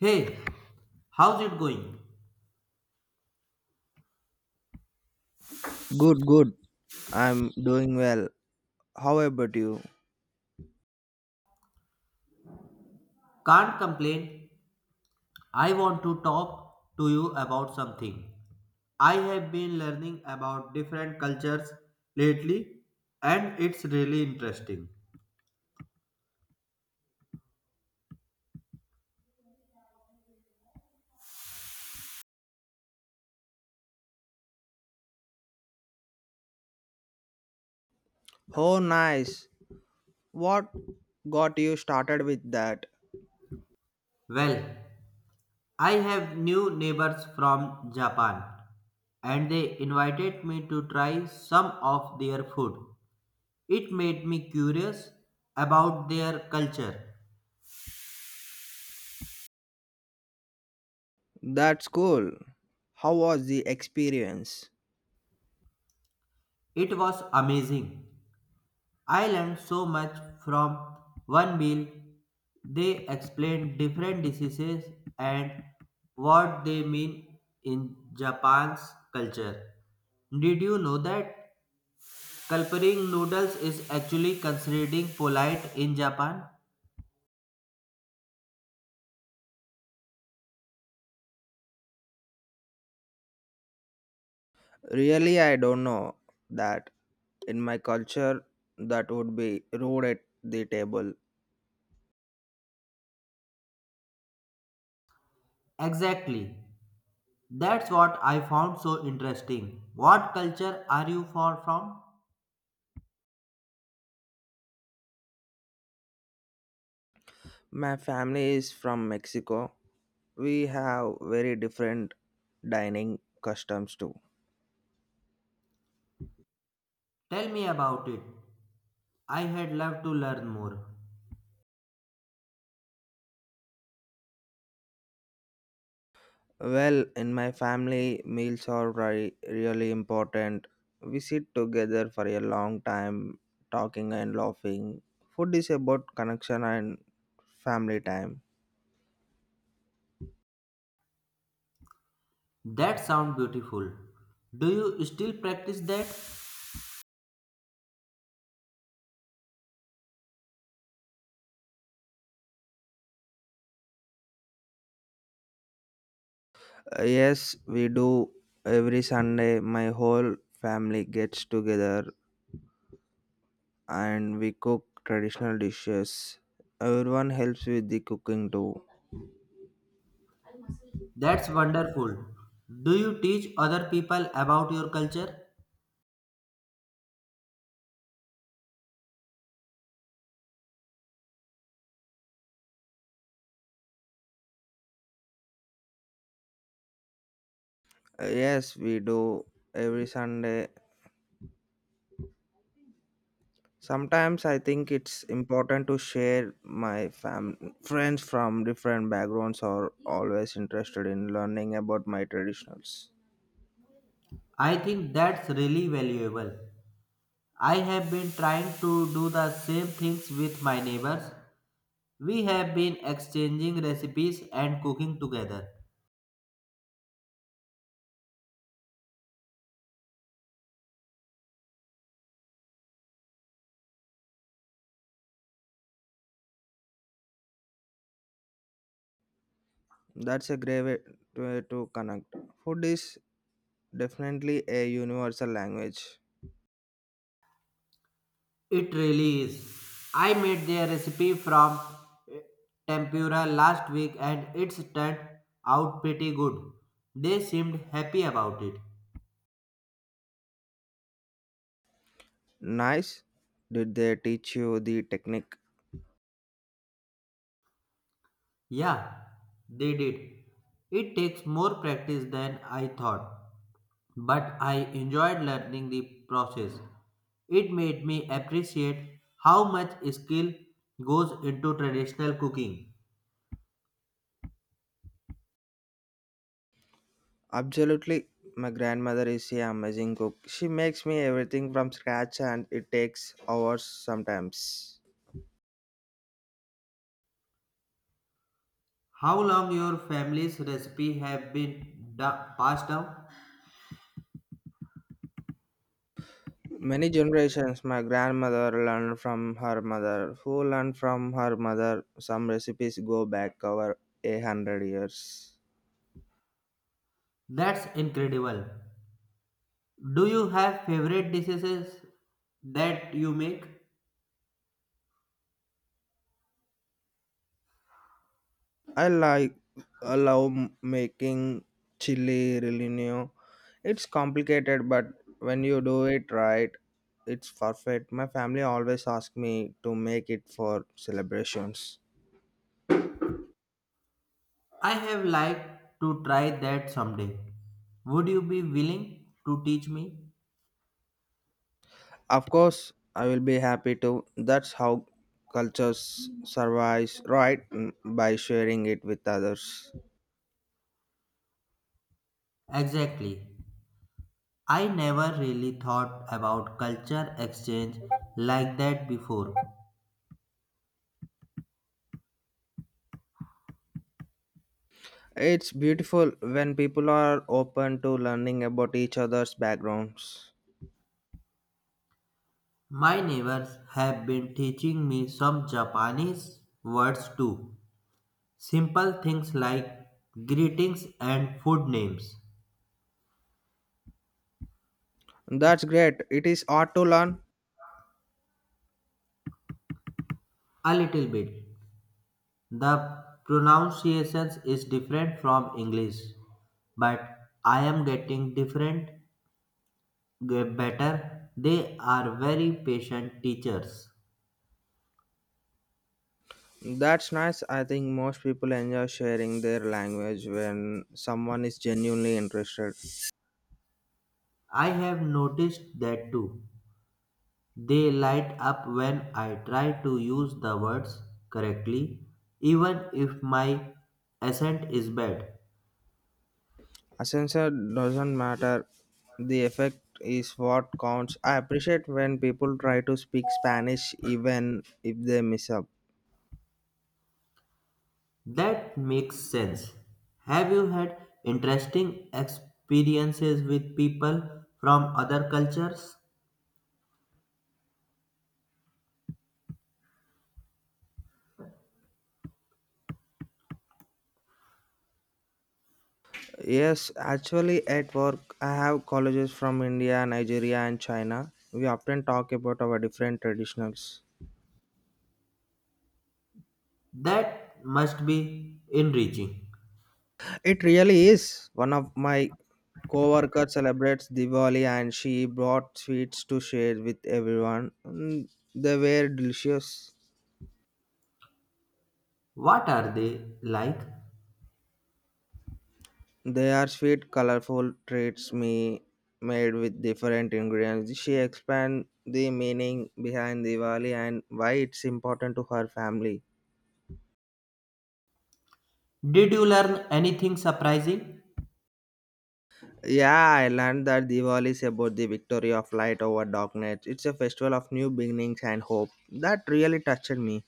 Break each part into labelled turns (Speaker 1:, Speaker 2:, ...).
Speaker 1: Hey, how's it going?
Speaker 2: Good, good. I'm doing well. How about you?
Speaker 1: Can't complain. I want to talk to you about something. I have been learning about different cultures lately and it's really interesting.
Speaker 2: Oh, nice. What got you started with that?
Speaker 1: Well, I have new neighbors from Japan and they invited me to try some of their food. It made me curious about their culture.
Speaker 2: That's cool. How was the experience?
Speaker 1: It was amazing. I learned so much from one meal. They explained different diseases and what they mean in Japan's culture. Did you know that culpering noodles is actually considered polite in Japan?
Speaker 2: Really, I don't know that. In my culture, that would be rude at the table.
Speaker 1: Exactly. That's what I found so interesting. What culture are you far from?
Speaker 2: My family is from Mexico. We have very different dining customs too.
Speaker 1: Tell me about it. I had loved to learn more.
Speaker 2: Well, in my family, meals are really important. We sit together for a long time, talking and laughing. Food is about connection and family time.
Speaker 1: That sounds beautiful. Do you still practice that?
Speaker 2: Yes, we do. Every Sunday, my whole family gets together and we cook traditional dishes. Everyone helps with the cooking too.
Speaker 1: That's wonderful. Do you teach other people about your culture?
Speaker 2: Yes, we do. Every Sunday, sometimes I think it's important to share my friends from different backgrounds are always interested in learning about my traditionals.
Speaker 1: I think that's really valuable. I have been trying to do the same things with my neighbors. We have been exchanging recipes and cooking together.
Speaker 2: That's a great way to connect. Food is definitely a universal language.
Speaker 1: It really is. I made their recipe from eh, tempura last week and it's turned out pretty good. They seemed happy about it.
Speaker 2: Nice. Did they teach you the technique?
Speaker 1: Yeah, they did. It takes more practice than I thought, but I enjoyed learning the process. It made me appreciate how much skill goes into traditional cooking.
Speaker 2: Absolutely. My grandmother is an amazing cook. She makes me everything from scratch and it takes hours sometimes.
Speaker 1: How long your family's recipe have been passed down?
Speaker 2: Many generations, my grandmother learned from her mother, who learned from her mother. Some recipes go back over a hundred years.
Speaker 1: That's incredible. Do you have favorite dishes that you make?
Speaker 2: I like, I love making chili relino. It's complicated, but when you do it right, it's perfect. My family always ask me to make it for celebrations.
Speaker 1: I have liked to try that someday. Would you be willing to teach me?
Speaker 2: Of course, I will be happy to. That's how cultures survives, right? By sharing it with others.
Speaker 1: Exactly. I never really thought about culture exchange like that before.
Speaker 2: It's beautiful when people are open to learning about each other's backgrounds.
Speaker 1: My neighbors have been teaching me some Japanese words too. Simple things like greetings and food names.
Speaker 2: That's great. It is hard to learn.
Speaker 1: A little bit. The pronunciations is different from English, but I am getting better. They are very patient teachers.
Speaker 2: That's nice. I think most people enjoy sharing their language when someone is genuinely interested.
Speaker 1: I have noticed that too. They light up when I try to use the words correctly, even if my accent is bad.
Speaker 2: Ascensor doesn't matter. The effect is what counts. I appreciate when people try to speak Spanish even if they mess up.
Speaker 1: That makes sense. Have you had interesting experiences with people from other cultures?
Speaker 2: Yes, actually, at work, I have colleagues from India, Nigeria, and China. We often talk about our different traditionals.
Speaker 1: That must be enriching.
Speaker 2: It really is. One of my co-worker celebrates Diwali and she brought sweets to share with everyone. They were delicious.
Speaker 1: What are they like?
Speaker 2: They are sweet, colorful treats me made with different ingredients. She explained the meaning behind Diwali and why it's important to her family.
Speaker 1: Did you learn anything surprising?
Speaker 2: Yeah, I learned that Diwali is about the victory of light over darkness. It's a festival of new beginnings and hope. That really touched me.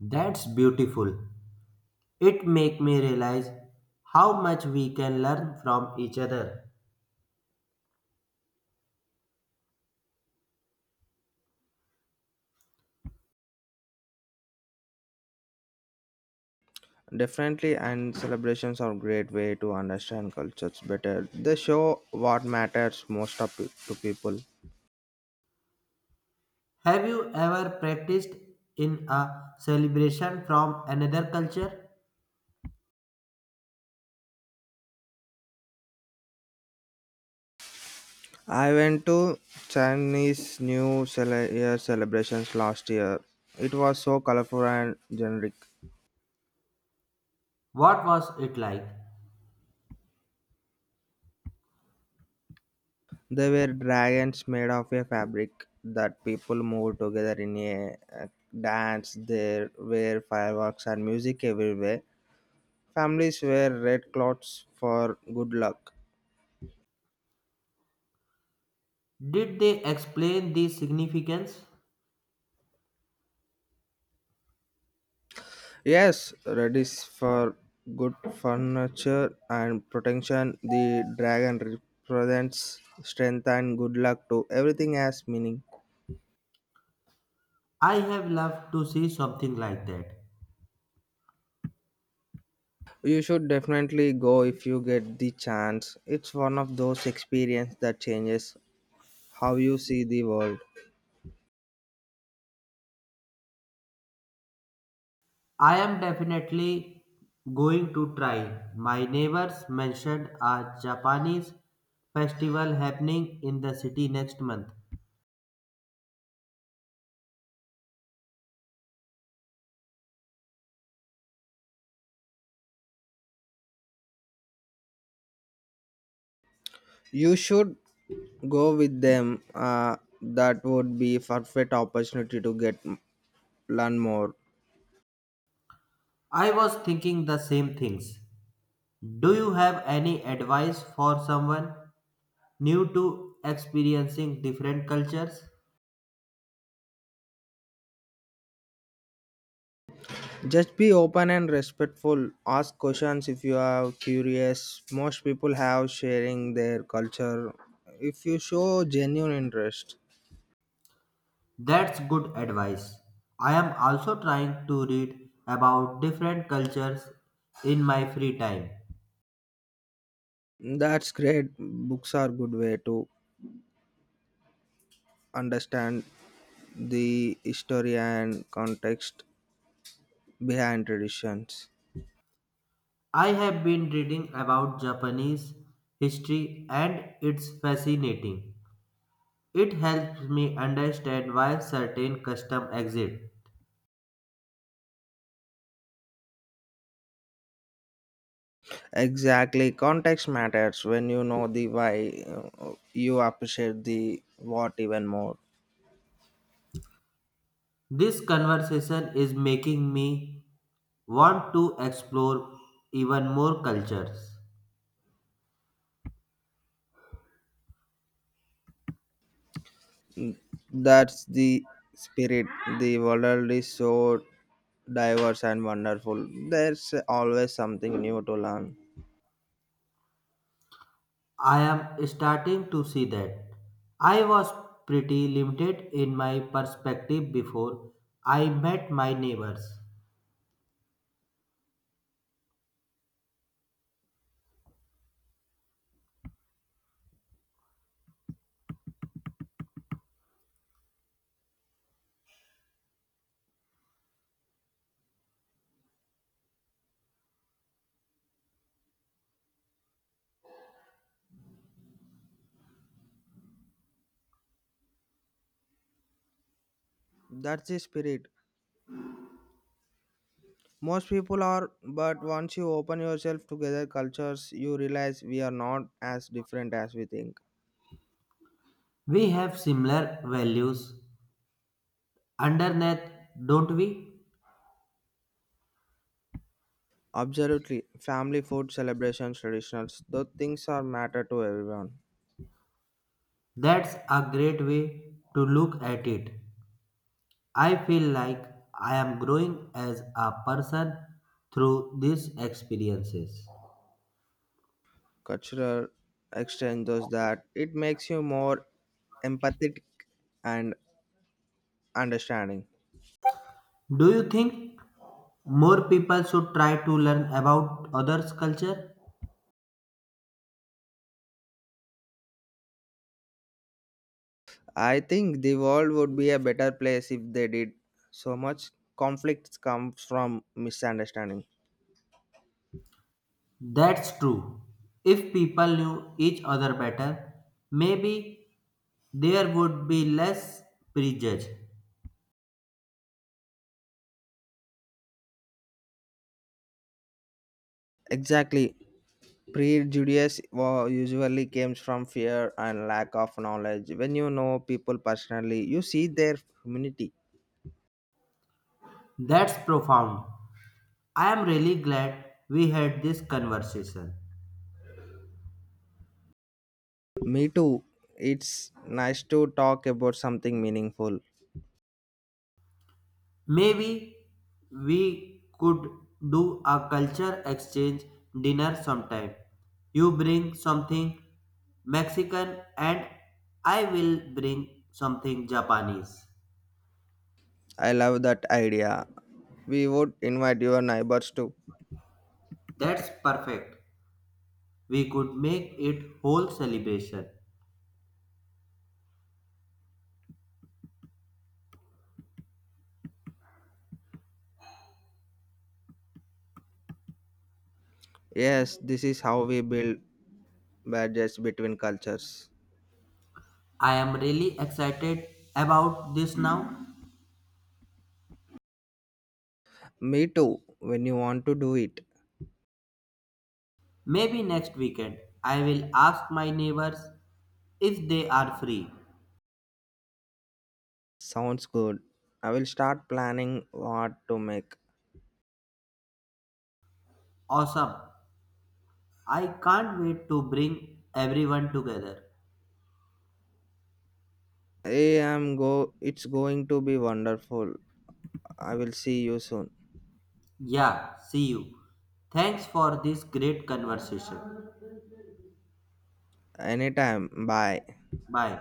Speaker 1: That's beautiful. It make me realize how much we can learn from each other.
Speaker 2: Definitely, and celebrations are a great way to understand cultures better. They show what matters most of, to people.
Speaker 1: Have you ever practiced in a celebration from another culture?
Speaker 2: I went to Chinese New Year celebrations last year. It was so colorful and generic.
Speaker 1: What was it like?
Speaker 2: There were dragons made of a fabric that people moved together in a dance. There were fireworks and music everywhere. Families wear red cloths for good luck.
Speaker 1: Did they explain the significance?
Speaker 2: Yes, red is for good furniture and protection. The dragon represents strength and good luck too. Everything has meaning.
Speaker 1: I have loved to see something like that.
Speaker 2: You should definitely go if you get the chance. It's one of those experiences that changes how you see the world.
Speaker 1: I am definitely going to try. My neighbors mentioned a Japanese festival happening in the city next month.
Speaker 2: You should go with them. That would be a perfect opportunity to get learn more.
Speaker 1: I was thinking the same things. Do you have any advice for someone new to experiencing different cultures?
Speaker 2: Just be open and respectful. Ask questions if you are curious. Most people have sharing their culture. If you show genuine interest,
Speaker 1: That's good advice. I am also trying to read about different cultures in my free time.
Speaker 2: that's great. Books are good way to understand the history and context behind traditions.
Speaker 1: I have been reading about Japanese history and it's fascinating. It helps me understand why certain customs exist.
Speaker 2: Exactly, context matters. When you know the why, you appreciate the what even more.
Speaker 1: This conversation is making me want to explore even more cultures.
Speaker 2: That's the spirit. The world is so diverse and wonderful. There's always something new to learn.
Speaker 1: I am starting to see that I was pretty limited in my perspective before I met my neighbors.
Speaker 2: That's the spirit. Most people are, but once you open yourself together cultures you realize we are not as different as we think.
Speaker 1: We have similar values underneath, don't we?
Speaker 2: Absolutely. Family food, celebrations, traditionals, those things are matter to everyone.
Speaker 1: That's a great way to look at it. I feel like I am growing as a person through these experiences.
Speaker 2: Cultural exchange does that. It makes you more empathetic and understanding.
Speaker 1: Do you think more people should try to learn about others' culture?
Speaker 2: I think the world would be a better place if they did. So much conflict comes from misunderstanding.
Speaker 1: That's true. If people knew each other better, maybe there would be less prejudice.
Speaker 2: Exactly. Prejudice usually comes from fear and lack of knowledge. When you know people personally, you see their humanity.
Speaker 1: That's profound. I am really glad we had this conversation.
Speaker 2: Me too. It's nice to talk about something meaningful.
Speaker 1: Maybe we could do a culture exchange dinner sometime. You bring something Mexican and I will bring something Japanese.
Speaker 2: I love that idea. We would invite your neighbors too.
Speaker 1: That's perfect. We could make it whole celebration.
Speaker 2: Yes, this is how we build bridges between cultures.
Speaker 1: I am really excited about this now.
Speaker 2: Me too, when you want to do it.
Speaker 1: Maybe next weekend I will ask my neighbors if they are free.
Speaker 2: Sounds good. I will start planning what to make.
Speaker 1: Awesome. I can't wait to bring everyone together.
Speaker 2: I am go It's going to be wonderful. I will see you soon.
Speaker 1: Yeah, see you. Thanks for this great conversation.
Speaker 2: Anytime. Bye.
Speaker 1: Bye.